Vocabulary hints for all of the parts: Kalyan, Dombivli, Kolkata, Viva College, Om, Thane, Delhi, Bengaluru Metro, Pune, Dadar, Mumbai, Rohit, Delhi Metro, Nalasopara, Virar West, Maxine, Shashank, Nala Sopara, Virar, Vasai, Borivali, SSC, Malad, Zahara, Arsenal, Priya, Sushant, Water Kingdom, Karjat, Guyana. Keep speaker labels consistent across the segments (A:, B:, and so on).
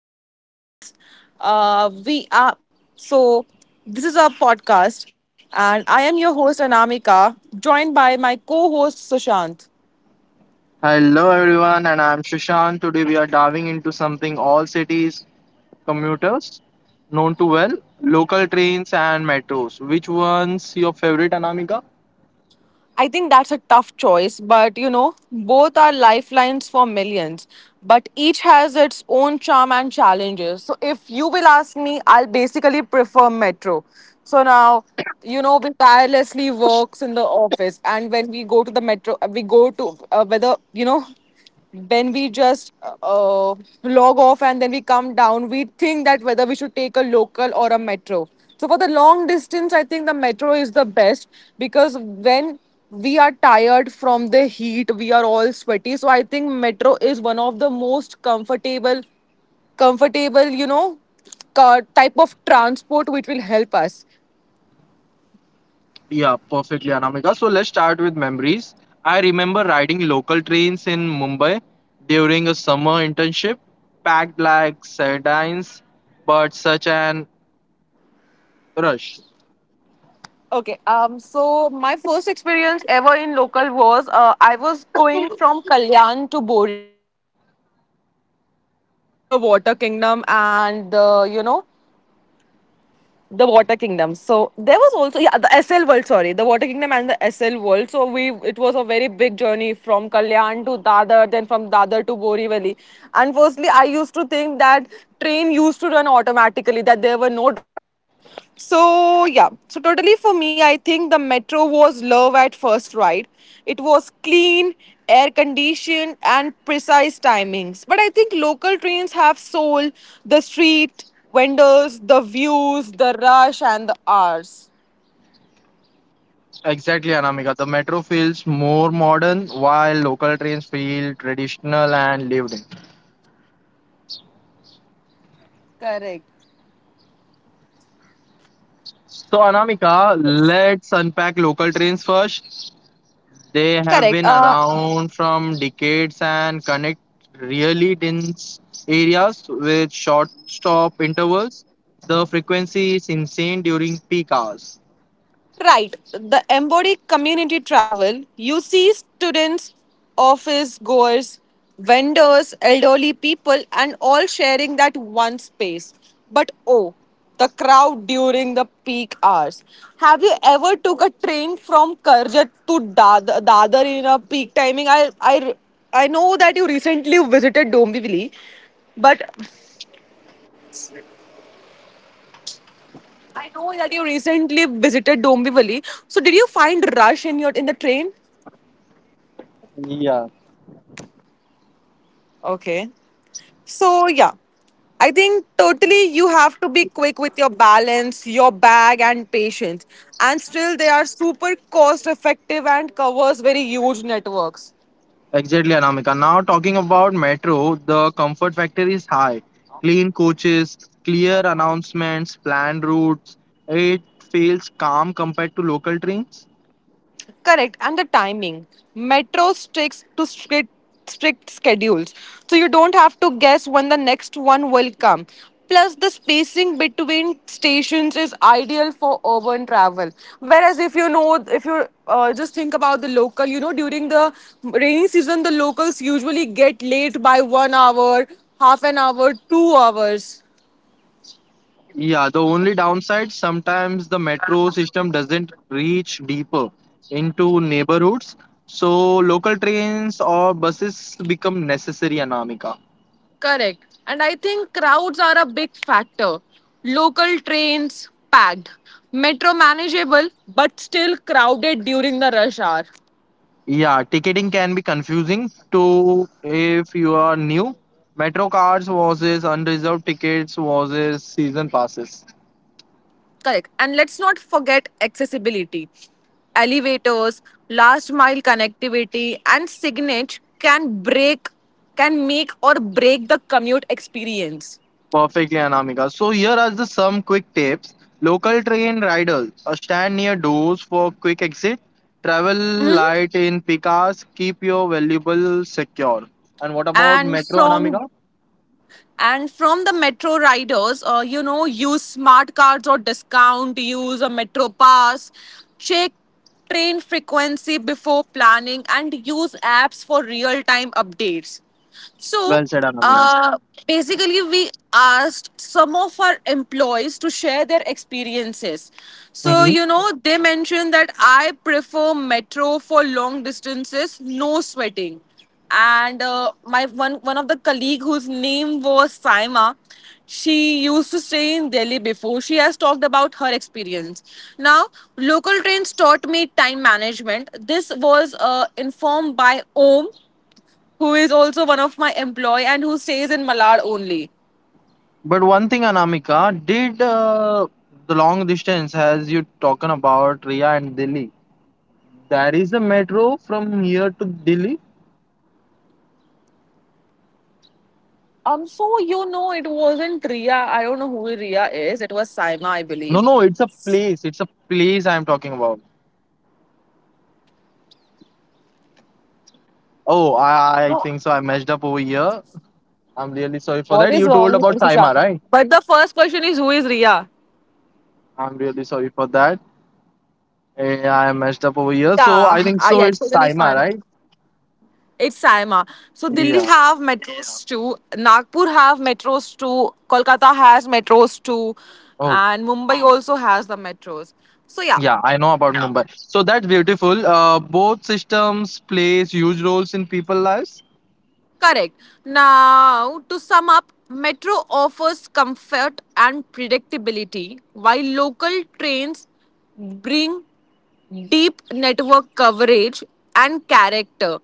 A: Tracks and Rails. We are so This is our podcast, and I am your host Anamika, joined by my co-host Sushant.
B: Hello everyone, and I'm Shashank. Today we are diving into something all cities commuters known to well, local trains and metros. Which one's your favorite, Anamika?
A: I think that's a tough choice, but you know, both are lifelines for millions, but each has its own charm and challenges. So, if you will ask me, I'll basically prefer metro. So now, you know, we tirelessly works in the office, and when we go to the metro, we go to whether you know. When we just log off and then we come down, we think that whether we should take a local or a metro. So for the long distance, I think the metro is the best because when we are tired from the heat, we are all sweaty. So I think metro is one of the most comfortable, you know, type of transport which will help us.
B: Yeah, perfectly, Anamika. So let's start with memories. I remember riding local trains in Mumbai during a summer internship, packed like sardines, but such an rush.
A: Okay. So my first experience ever in local was I was going from Kalyan to Borivali, because I wanted to visit the water kingdom and the you know the water kingdom, so there was also yeah the sl world, sorry, the water kingdom and the sl world. So we it was a very big journey from Kalyan to Dadar, then from Dadar to Borivali. And firstly I used to think that train used to run automatically, that there were no drivers. So yeah, so totally for me, I think the metro was love at first ride. It was clean, air conditioned and precise timings, but I think local trains have soul. The street vendors, the views, the rush, and the hours.
B: Exactly, Anamika. The metro feels more modern, while local trains feel traditional and lived in.
A: Correct.
B: So, Anamika,
A: Yes.
B: let's unpack local trains first. They have
A: Correct.
B: been around from decades and connect really dense areas with short stop intervals. The frequency is insane during peak hours.
A: Right. The embodied community travel, you see students, office goers, vendors, elderly people, and all sharing that one space. But oh, the crowd during the peak hours. Have you ever took a train from Karjat to Dadar in a peak timing? I know that you recently visited Dombivli, but I know that you recently visited Dombivli. So did you find rush in your in the train?
B: Yeah,
A: Okay. So, yeah, I think totally you have to be quick with your balance, your bag, and patience. And still, they are super cost effective and covers very huge networks.
B: exactly, Anamika. Now, talking about metro, the comfort factor is high. Clean coaches, clear announcements, planned routes. It feels calm compared to local trains.
A: Correct. And the timing. Metro sticks to strict schedules. So you don't have to guess when the next one will come. Plus, the spacing between stations is ideal for urban travel. Whereas, if you know, if you just think about the local, you know, during the rainy season, the locals usually get late by 1 hour, half an hour, 2 hours.
B: Yeah, the only downside sometimes the metro system doesn't reach deeper into neighborhoods, so local trains or buses become necessary, Anamika.
A: Correct. And I think crowds are a big factor. Local trains packed, metro manageable but still crowded during the rush hour.
B: Yeah, ticketing can be confusing to if you are new. Metro cards versus unreserved tickets versus season passes.
A: Correct. And let's not forget accessibility. Elevators, last mile connectivity, and signage can break, can make or break the commute experience.
B: Perfectly, Anamika. So here are the some quick tips. Local train riders stand near doors for quick exit. Travel
A: Mhm.
B: light in peak hours. Keep your valuable secure. And what about
A: And
B: metro,
A: from
B: Anamika?
A: And from the metro riders, you know, use smart cards or discount, use a metro pass, check train frequency before planning, and use apps for real time updates.
B: Well
A: So,
B: said, Anamika.
A: uh, basically, we asked some of our employees to share their experiences. So,
B: Hmm.
A: you know, they mentioned that I prefer metro for long distances, no sweating, and my one one of the colleague whose name was Saima, she used to stay in Delhi before, she has talked about her experience. Now, local trains taught me time management, this was informed by Om, who is also one of my employee and who stays in Malad only.
B: But one thing, Anamika, did the long distance as you talking about Ria and Delhi? There is a metro from here to Delhi.
A: So you know, it wasn't Ria, I don't know who Ria is, it was Saima I
B: No,
A: believe.
B: no, it's a place. It's a place I'm talking about. Oh, I think so. I messed up over here. I'm really sorry for
A: What
B: that.
A: is
B: You told
A: wrong with
B: about
A: Sushant,
B: Saima, right?
A: but the first question is who is Ria?
B: I'm really sorry for that.
A: yeah so
B: I
A: the
B: messed up over here. So
A: yeah
B: I
A: uh,
B: think
A: yeah
B: so.
A: it's
B: It's
A: totally fun,
B: Saima, right?
A: it's Saima. So Delhi
B: Yeah.
A: have metros too. Nagpur have metros too. Kolkata has metros too,
B: Oh,
A: and Mumbai also has the metros. So yeah,
B: yeah. I know about Mumbai. So that's beautiful. Both systems plays huge roles in people lives.
A: correct. Now to sum up, metro offers comfort and predictability, while local trains bring deep network coverage and character.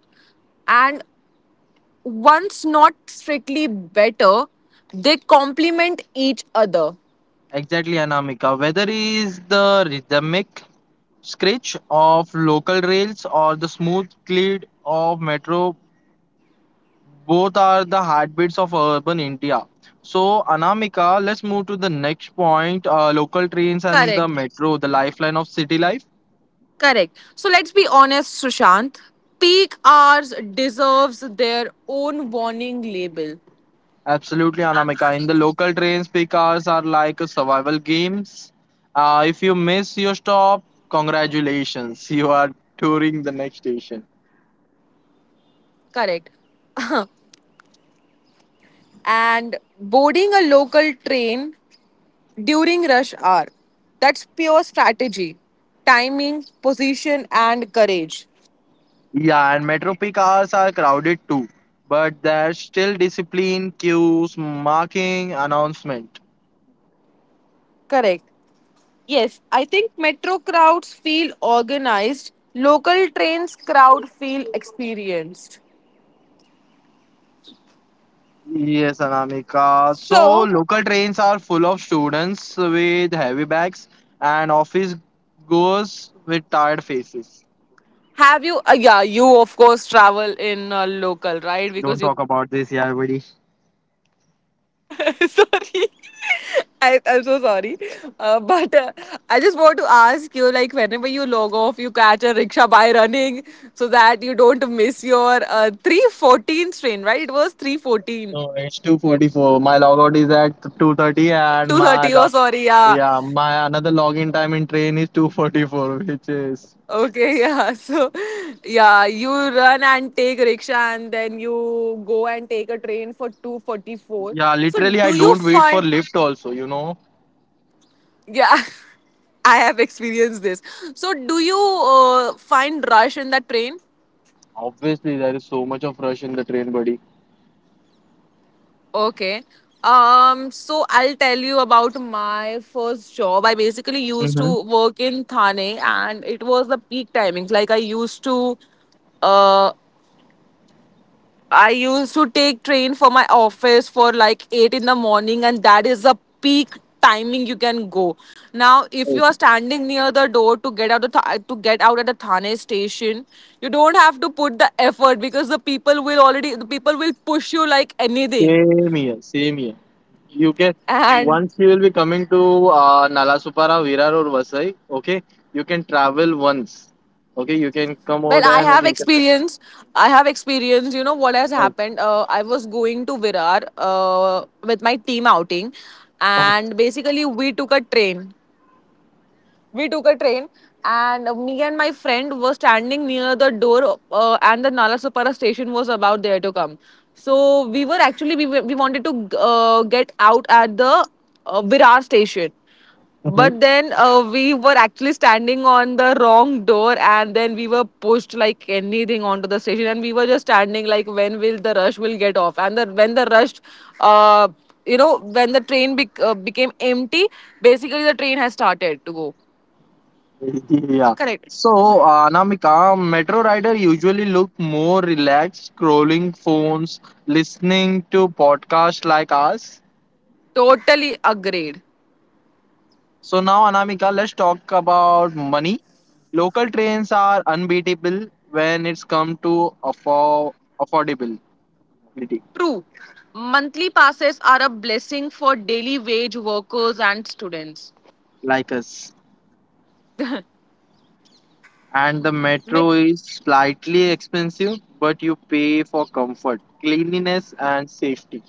A: And once not strictly better, they complement each other.
B: Exactly, Anamika. Whether is the rhythmic scratch of local rails or the smooth glide of metro both are the heartbeats of urban India. So, Anamika, let's move to the next point local trains and the
A: Correct.
B: metro, the lifeline of city life.
A: Correct. So let's be honest, Sushant. Peak hours deserves their own warning label.
B: Absolutely, Anamika. In the local trains, cars are like a survival games. If you miss your stop, congratulations, you are touring the next station.
A: Correct. And boarding a local train during rush hour. That's pure strategy, timing, position, and courage.
B: Yeah, and metro cars are crowded too, but there's still discipline, queues, marking, announcement.
A: Correct. Yes, I think metro crowds feel organized, local trains crowd feel experienced.
B: Yes, Anamika. So
A: So,
B: local trains are full of students with heavy bags and office goers with tired faces.
A: have you? Yeah, you of course travel in local, right?
B: Don't
A: Because you
B: talk
A: come
B: about
A: from
B: this,
A: Nala
B: yeah, buddy.
A: Sopara. So, sorry. I'm so sorry. But I just want to ask you like, whenever you log off, you catch a rickshaw by running so that you don't miss your 314 train, right? It was 314.
B: No, it's 2:44. My logout is at 2:30 and my
A: 230, oh
B: log
A: sorry, yeah,
B: yeah, my another login time in train is 2:44, which is
A: okay, yeah so yeah, you run and take rickshaw and then you go and take a train for 244.
B: yeah,
A: So
B: literally I
A: do you
B: don't wait for
A: find,
B: lift also.
A: yeah I have experienced this. So do you find rush in that train?
B: Obviously there is so much of rush in the train, buddy.
A: Okay. So I'll tell you about my first job. I basically used
B: Mm-hmm.
A: to work in Thane and it was the peak timings. Like uh I used to take train for my office for like 8 in the morning, and that is the peak timing you can go. Now if you are
B: Okay.
A: standing near the door to get out the to get out at the Thane station, you don't have to put the effort because the people will push you like anything.
B: Same here, same here. You can
A: And
B: once you will be coming to Nalasupara, Virar or Vasai. Okay, you can travel once. Okay, you can come over
A: well,
B: there
A: I
B: and
A: have
B: you can.
A: experience. I have experience. You know what has
B: Oh,
A: happened? I was going to Virar with my team outing,
B: oh.
A: and basically we took a train and me and my friend were standing near the door, and the nalasopara station was about there to come, so we were actually we wanted to get out at the virar station.
B: Mhm.
A: But then we were actually standing on the wrong door and then we were pushed like anything onto the station, and we were just standing like when will the rush will get off and when the rush uh, you know when the train became empty, basically the train has started to go.
B: Yeah.
A: Correct.
B: So, Anamika, metro rider usually look more relaxed, scrolling phones, listening to podcasts like us.
A: Totally agreed.
B: So now, Anamika, let's talk about money. Local trains are unbeatable when it's come to affordability.
A: True. Monthly passes are a blessing for daily wage workers and students.
B: Like us. And the
A: Met-
B: metro is slightly expensive, but you pay for comfort, cleanliness, and safety.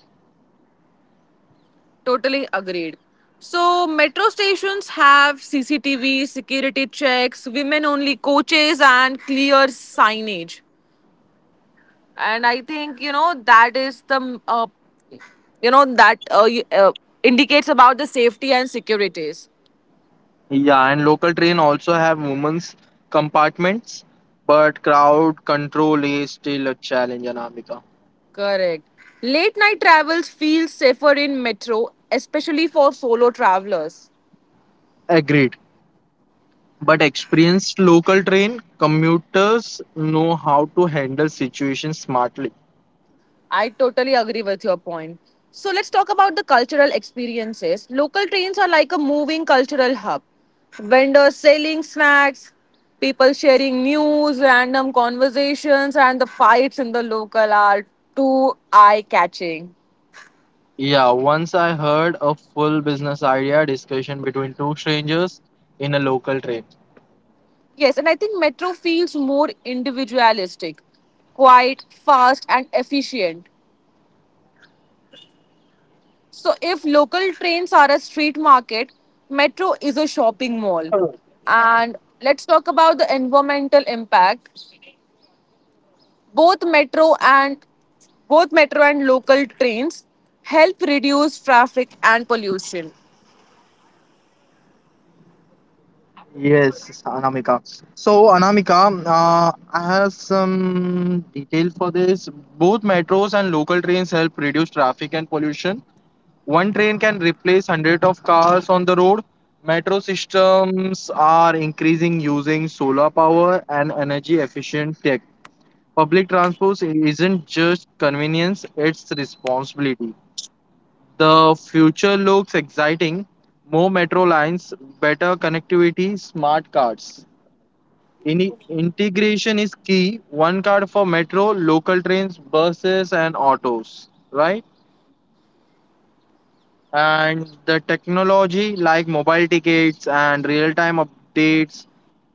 A: totally agreed. So, metro stations have CCTV, security checks, women only coaches, and clear signage. And I think, you know, that is the, you know, that uh, y- uh, indicates about the safety and securities.
B: Yeah, and local train also have women's compartments, but crowd control is still a challenge, Anamika.
A: Correct. Late night travels feel safer in metro, especially for solo travelers.
B: Agreed. But experienced local train commuters know how to handle situations smartly.
A: I totally agree with your point. So let's talk about the cultural experiences. Local trains are like a moving cultural hub. Vendors selling snacks, people sharing news, random conversations, and the fights in the local are too eye catching.
B: Yeah, once I heard a full business idea discussion between two strangers in a local train.
A: Yes, and I think metro feels more individualistic, quiet, fast, and efficient. So, if local trains are a street market, metro is a shopping mall. And let's talk about the environmental impact. Both metro and Both metro and local trains help reduce traffic and pollution.
B: Yes, Anamika. So, Anamika, I have some detail for this. Both metros and local trains help reduce traffic and pollution. One train can replace hundreds of cars on the road. Metro systems are increasing using solar power and energy efficient tech. Public transport isn't just convenience, it's responsibility. The future looks exciting. More metro lines, better connectivity, smart cards. Ini integration is key. One card for metro, local trains, buses, and autos, right? And the technology like mobile tickets and real time updates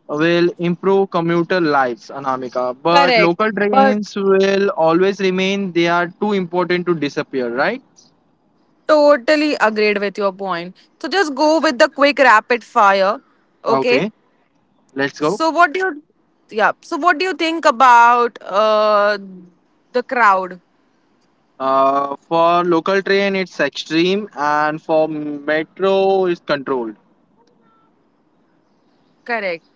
B: will improve commuter lives, Anamika. But
A: Correct,
B: local
A: but
B: trains will always remain, they are too important to disappear, right?
A: totally agreed with your point. So just go with the quick rapid fire, okay?
B: Okay, let's go.
A: So what do you, yeah? So what do you think about the crowd?
B: For local train, it's extreme, and for metro, it's controlled.
A: Correct.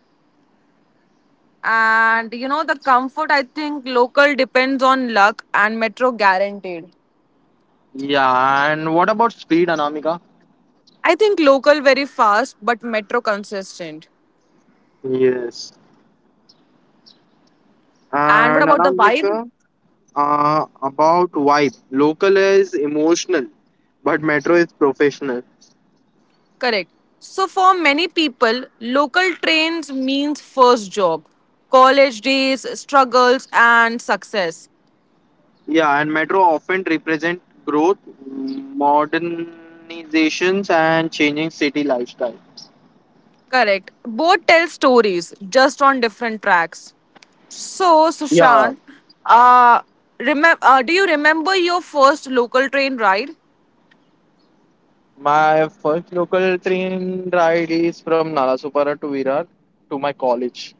A: And you know, the comfort, I think local depends on luck and metro guaranteed.
B: Yeah, and what about speed, Anamika?
A: I think local very fast, but metro consistent.
B: Yes.
A: And what
B: And
A: about the vibe?
B: Anamika, about vibe. Local is emotional, but metro is professional.
A: Correct. So, for many people, local trains means first job, college days, struggles, and success.
B: Yeah, and metro often represent growth, modernizations, and changing city lifestyle.
A: Correct. Both tell stories, just on different tracks. So,
B: Yeah,
A: Sushant, uh, do you remember your first local train ride?
B: my first local train ride is from Nalasopara to Virar to my college.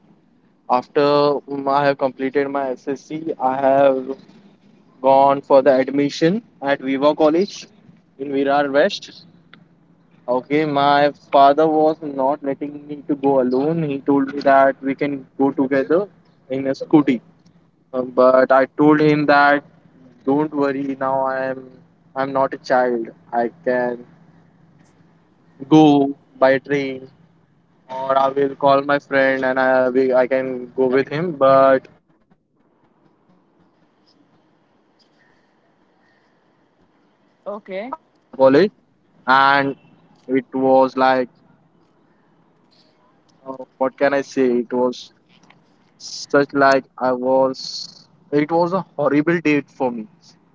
B: After I have completed my SSC, I have gone for the admission at Viva College in Virar West. Okay, my father was not letting me to go alone. He told me that we can go together in a scooty. But I told him that don't worry, now I'm not a child. I can go by train or I will call my friend and I can go with him. But I travel with train at that time only while I am going to take the admission at Viva
A: Okay.
B: College, and it was like what can I say? It was such like I was. It was a horrible date for me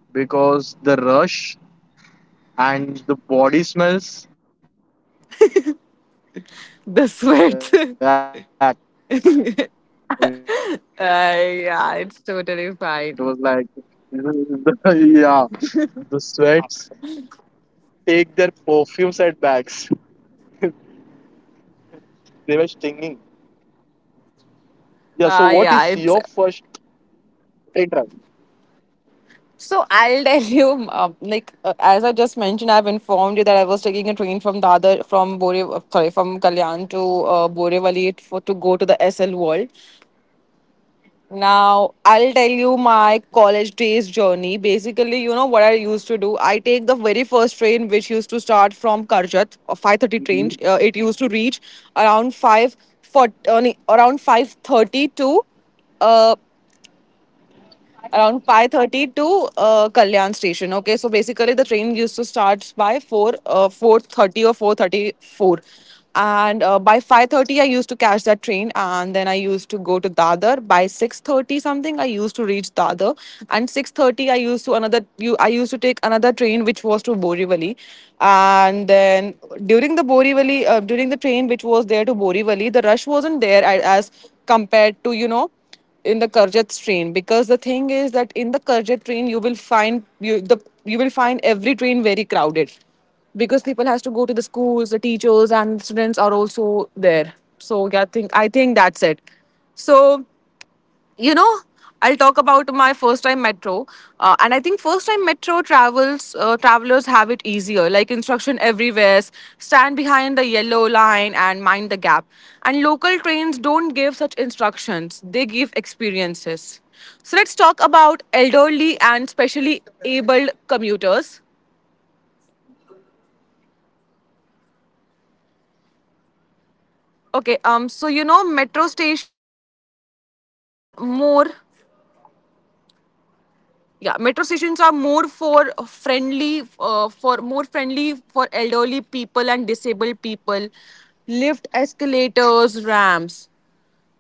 B: because the rush and the body smells. Like, it was
A: The
B: like,
A: sweat.
B: yeah, the sweats.
A: Yeah,
B: The
A: it's totally
B: people
A: fine.
B: don't even take their perfumes at bags. They were stinging. Yeah, so what is your first
A: Yeah,
B: train
A: it's.
B: ride?
A: So I'll tell you, as I just mentioned, I've informed you that I was taking a train from the from Bore, sorry, from Kalyan to Borivali for to go to the SL World. Now, I'll tell you my college days journey. Basically, you know what I used to do? I take the very first train, which used to start from Karjat, a 5:30 train.
B: Mhm.
A: It used to reach around 5 for, around 5:30 to uh, around 5:30 to Kalyan station. Okay, so basically the train used to start by 4 4:30 or 4:34, and by 5:30 I used to catch that train, and then I used to go to Dadar by 6:30. Something I used to reach Dadar and 6:30, I used to another you I used to take another train which was to Borivali. And then, during the Borivali, during the train which was there to Borivali, the rush wasn't there as compared to, you know, in the Karjat train. Because the thing is that in the Karjat train, you will find you will find every train very crowded because people has to go to the schools, the teachers and students are also there. So yeah, I think that's it. So, you know, I'll talk about my first time metro. And I think first time metro travels, travelers have it easier, like instruction everywhere. Stand behind the yellow line and mind the gap. And local trains don't give such instructions, they give experiences. So let's talk about elderly and specially abled commuters. Okay, so, you know, metro stations are more yeah, metro stations are more for friendly for more friendly for elderly people and disabled people. Lift, escalators, ramps.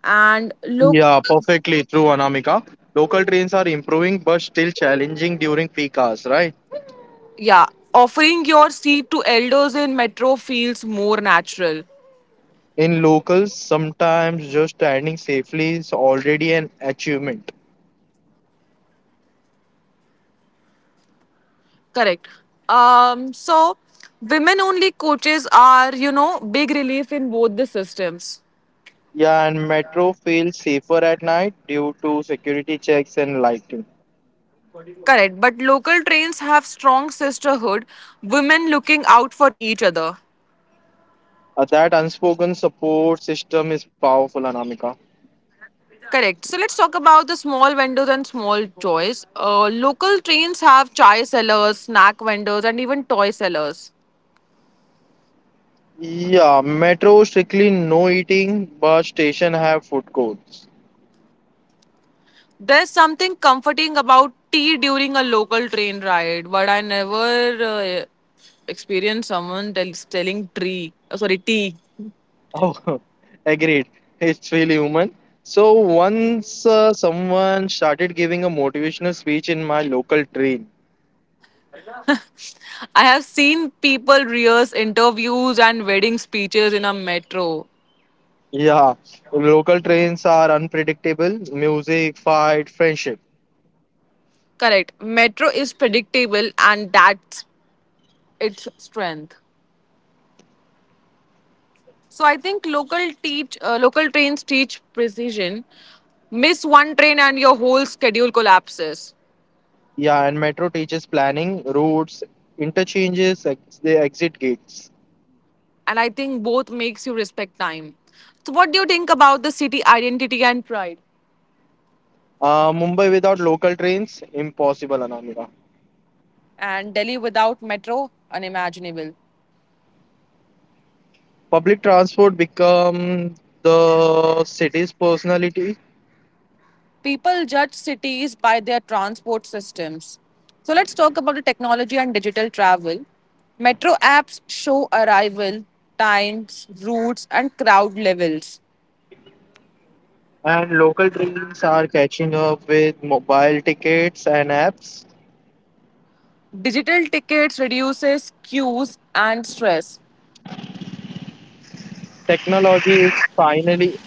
A: And
B: Yeah,
A: look,
B: perfectly true, Anamika. Local trains are improving but still challenging during peak hours, right?
A: yeah, offering your seat to elders in metro feels more natural.
B: In locals, sometimes just standing safely is already an achievement.
A: Correct. So, women only coaches are, you know, big relief in both the systems.
B: Yeah, and metro feels safer at night due to security checks and lighting.
A: Correct, but local trains have strong sisterhood, women looking out for each other.
B: That unspoken support system is powerful, Anamika.
A: Correct. So let's talk about the small vendors and small toys. Local trains have chai sellers, snack vendors, and even toy sellers.
B: Yeah, metro strictly no eating, but station have food courts.
A: There's something comforting about tea during a local train ride, but I never experienced someone telling tree. Oh, sorry, tea.
B: Oh, agreed. It's really human. So once someone started giving a motivational speech in my local train.
A: I have seen people rehearse interviews and wedding speeches in a metro.
B: Yeah, local trains are unpredictable. Music, fight, friendship.
A: Correct. Metro is predictable, and that's its strength. So I think local trains teach precision. Miss one train and your whole schedule collapses.
B: Yeah, and metro teaches planning, routes, interchanges, the exit gates.
A: And I think both makes you respect time. So what do you think about the city identity and pride?
B: Mumbai without local trains, impossible, Anamika.
A: And Delhi without metro, unimaginable.
B: Public transport become the city's personality,
A: People judge cities by their transport systems. So let's talk about the technology and digital travel. Metro apps show arrival times, routes and crowd levels.
B: and local trains are catching up with mobile tickets and apps.
A: Digital tickets reduces queues and stress.
B: Technology is finally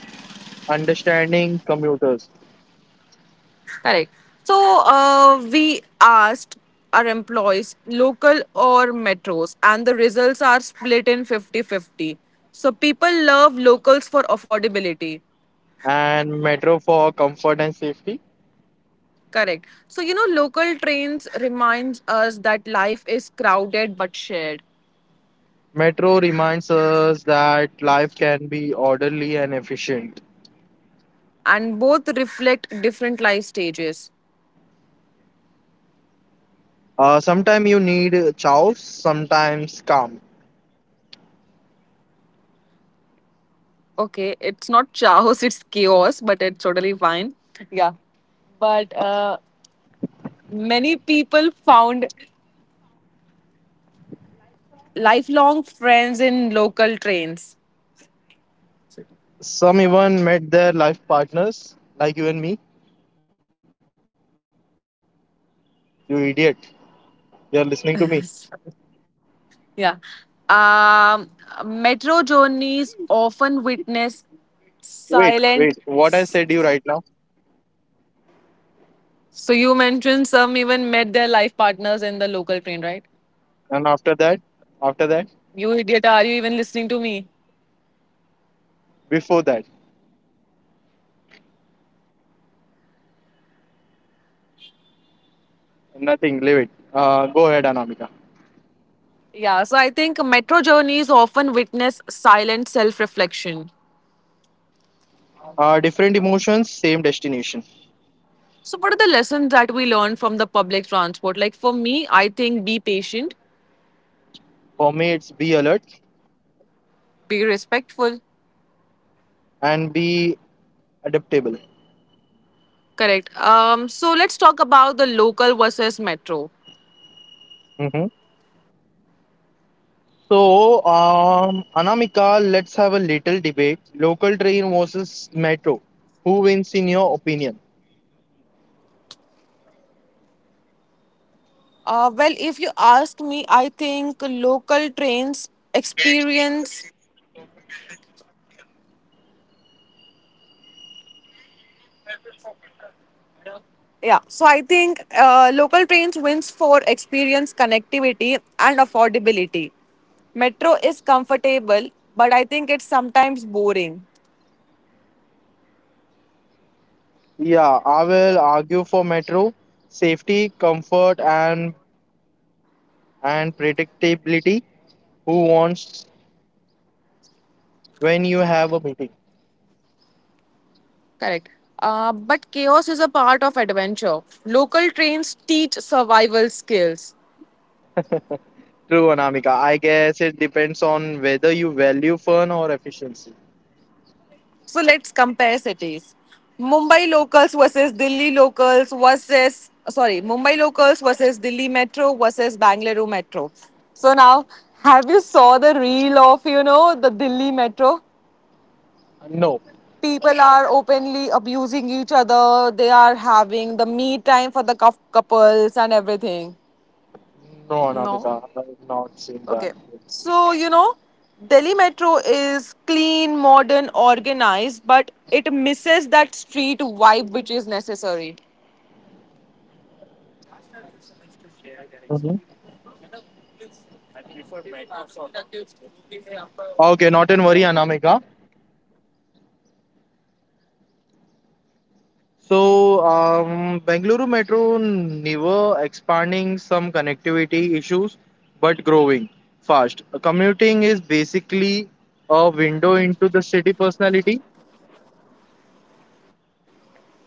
B: understanding commuters
A: Correct. So, we asked our employees local or metros, and the results are split in 50-50. So people love locals for affordability.
B: and metro for comfort and safety.
A: Correct. So, you know, local trains reminds us that life is crowded but shared.
B: Metro reminds us that life can be orderly and efficient.
A: And both reflect different life stages.
B: Sometimes you need chows, sometimes calm.
A: Okay, it's not chaos. It's chaos, but it's totally fine. Yeah. But many people found lifelong friends in local trains.
B: Some even met their life partners, like you and me. You idiot. You're listening to me.
A: Yes. Yeah. Um, metro journeys often witness
B: Wait,
A: silent.
B: wait. What I said you right now,
A: So you mentioned some even met their life partners in the local train, right?
B: and after that,
A: You idiot, are you even listening to me?
B: before that, nothing. Leave it. Go ahead, Anamika.
A: Yeah, so I think metro journeys often witness silent self reflection.
B: Different emotions, same destination.
A: So, what are the lessons that we learn from the public transport? Like, for me, I think be patient,
B: For me, it's be alert
A: be respectful.
B: and be adaptable.
A: Correct. So let's talk about the local versus metro.
B: Hmm. So, Anamika, let's have a little debate. Local train versus metro. Who wins in your opinion?
A: Well, if you ask me, I think local trains experience. Yeah, so I think local trains wins for experience, connectivity, and affordability. Metro is comfortable, but I think it's sometimes boring.
B: Yeah, I will argue for metro. Safety, comfort, and predictability. Who wants when you have a meeting.
A: Correct. But chaos is a part of adventure. Local trains teach survival skills.
B: True, Anamika. I guess it depends on whether you value fun or efficiency.
A: So let's compare cities. Mumbai locals versus Delhi Metro versus Bangalore Metro. So now, have you saw the reel of, you know, the Delhi Metro?
B: No,
A: People are openly abusing each other. They are having the me time for the couples and everything.
B: no,
A: No.
B: Anamika, I've not seen that.
A: Okay. So, you know, Delhi Metro is clean, modern, organized, but it misses that street vibe which is necessary.
B: Mhm. Okay, not in worry, Anamika. So, Bengaluru Metro never expanding some connectivity issues, but growing fast. Commuting is basically a window into the city personality.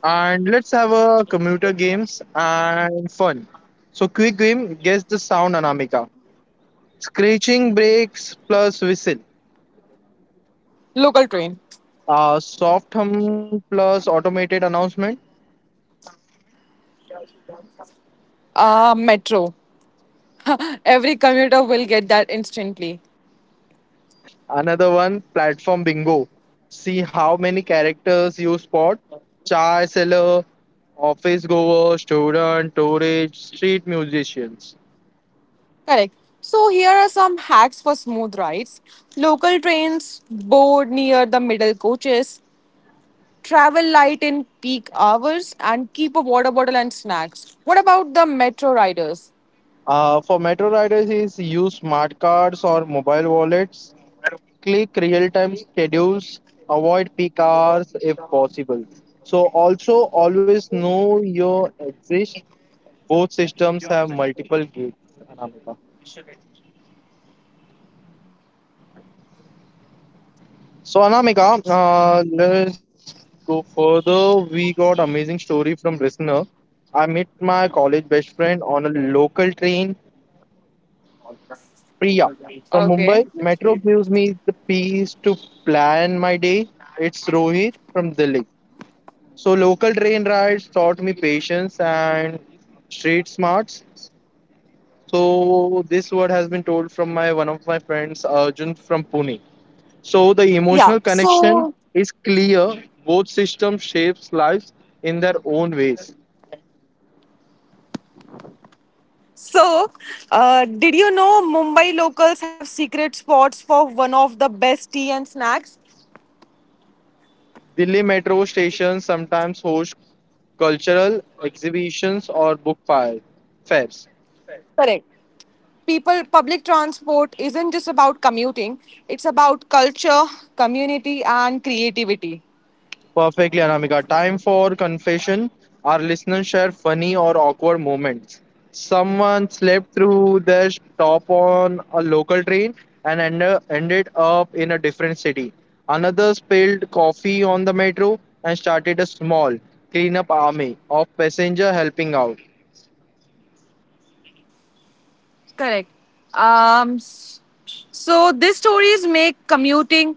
B: And let's have a commuter games and fun. So quick game, guess the sound Anamika. Scratching brakes plus whistle.
A: Local train.
B: Soft hum plus automated announcement.
A: Metro. Every commuter will get that instantly.
B: Another one, platform bingo. See how many characters you spot. Chai seller, office goer, student, tourist, street musicians.
A: Correct. So, here are some hacks for smooth rides. Local trains, board near the middle coaches, travel light in peak hours, and keep a water bottle and snacks. What about the metro riders?
B: For metro riders is use smart cards or mobile wallets click real-time schedules, avoid peak hours if possible. So also always know your exist. Both systems have multiple gates, Anamika. So Anamika, let's go further. We got amazing story from listener. I met my college best friend on a local train, Priya, from Mumbai. Metro gives me the peace to plan my day. It's Rohit from Delhi. So local train rides taught me patience and street smarts. So this word has been told from my one of my friends Arjun from Pune. So the emotional
A: Yeah.
B: connection
A: So,
B: is clear. Both systems shapes lives in their own ways.
A: so, uh, did you know Mumbai locals have secret spots for one of the best tea and snacks?
B: Delhi metro stations sometimes host cultural exhibitions or book fairs.
A: Correct. People, public transport isn't just about commuting, it's about culture, community, and creativity.
B: Perfectly, Anamika. Time for confession. Our listeners share funny or awkward moments. Someone slept through their stop on a local train and ended up in a different city. Another spilled coffee on the metro and started a small cleanup army of passenger helping out.
A: Correct. Um, s- so these stories make commuting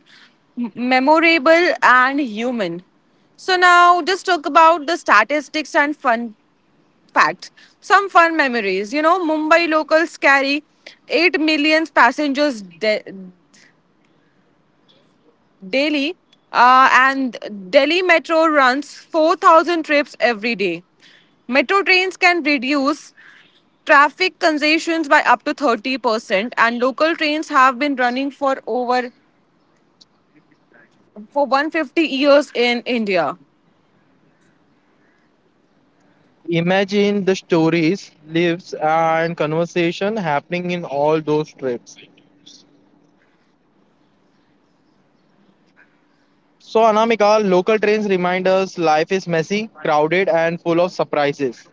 A: memorable and human. So now just talk about the statistics and fun fact. Some fun memories. You know, Mumbai locals carry 8 million passengers daily, and Delhi Metro runs 4,000 trips every day. Metro trains can reduce traffic congestions by up to 30%, and local trains have been running for over for 150 years in India.
B: Imagine the stories, lives, and conversation happening in all those trips. So, Anamika, local trains remind us life is messy, crowded, and full of surprises.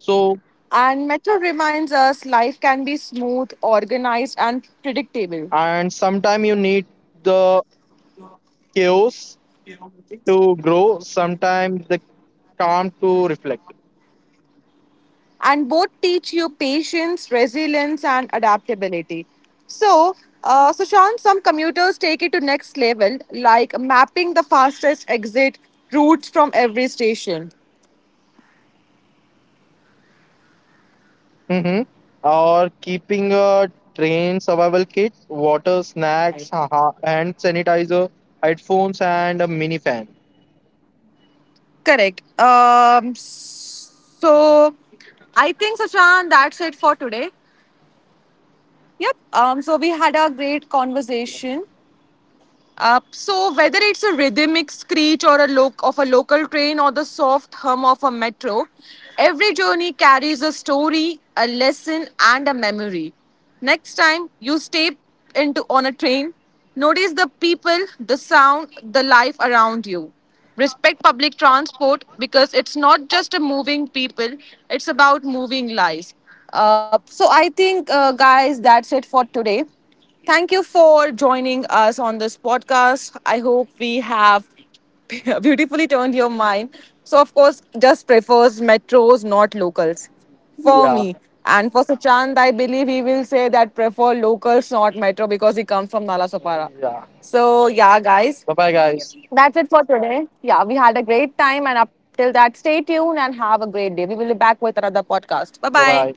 B: So,
A: And Metro reminds us life can be smooth, organized, and predictable.
B: and sometimes you need the chaos to grow, sometimes the calm to reflect.
A: And both teach you patience, resilience, and adaptability. So, Sushant, some commuters take it to next level, like mapping the fastest exit routes from every station.
B: Mm-hmm. Or keeping a train survival kit, water, snacks, haha, hand sanitizer, headphones, and a mini fan.
A: Correct. So, I think, Sushant, that's it for today. Yep. So, we had a great conversation. So whether it's a rhythmic screech or a look of a local train or the soft hum of a metro, every journey carries a story, a lesson, and a memory. Next time you step into on a train, notice the people, the sound, the life around you. Respect public transport because it's not just a moving people; it's about moving lives. So I think, guys, that's it for today. Thank you for joining us on this podcast. I hope we have beautifully turned your mind. So, of course, just prefers metros, not locals. For
B: Yeah.
A: me. And for Suchand, I believe he will say that prefer locals, not metro, because he comes from Nalasopara.
B: Yeah.
A: So, yeah, guys,
B: Bye bye, guys.
A: that's it for today. Yeah, we had a great time. And up till that, stay tuned and have a great day. We will be back with another podcast. Bye
B: Bye
A: bye.
B: bye.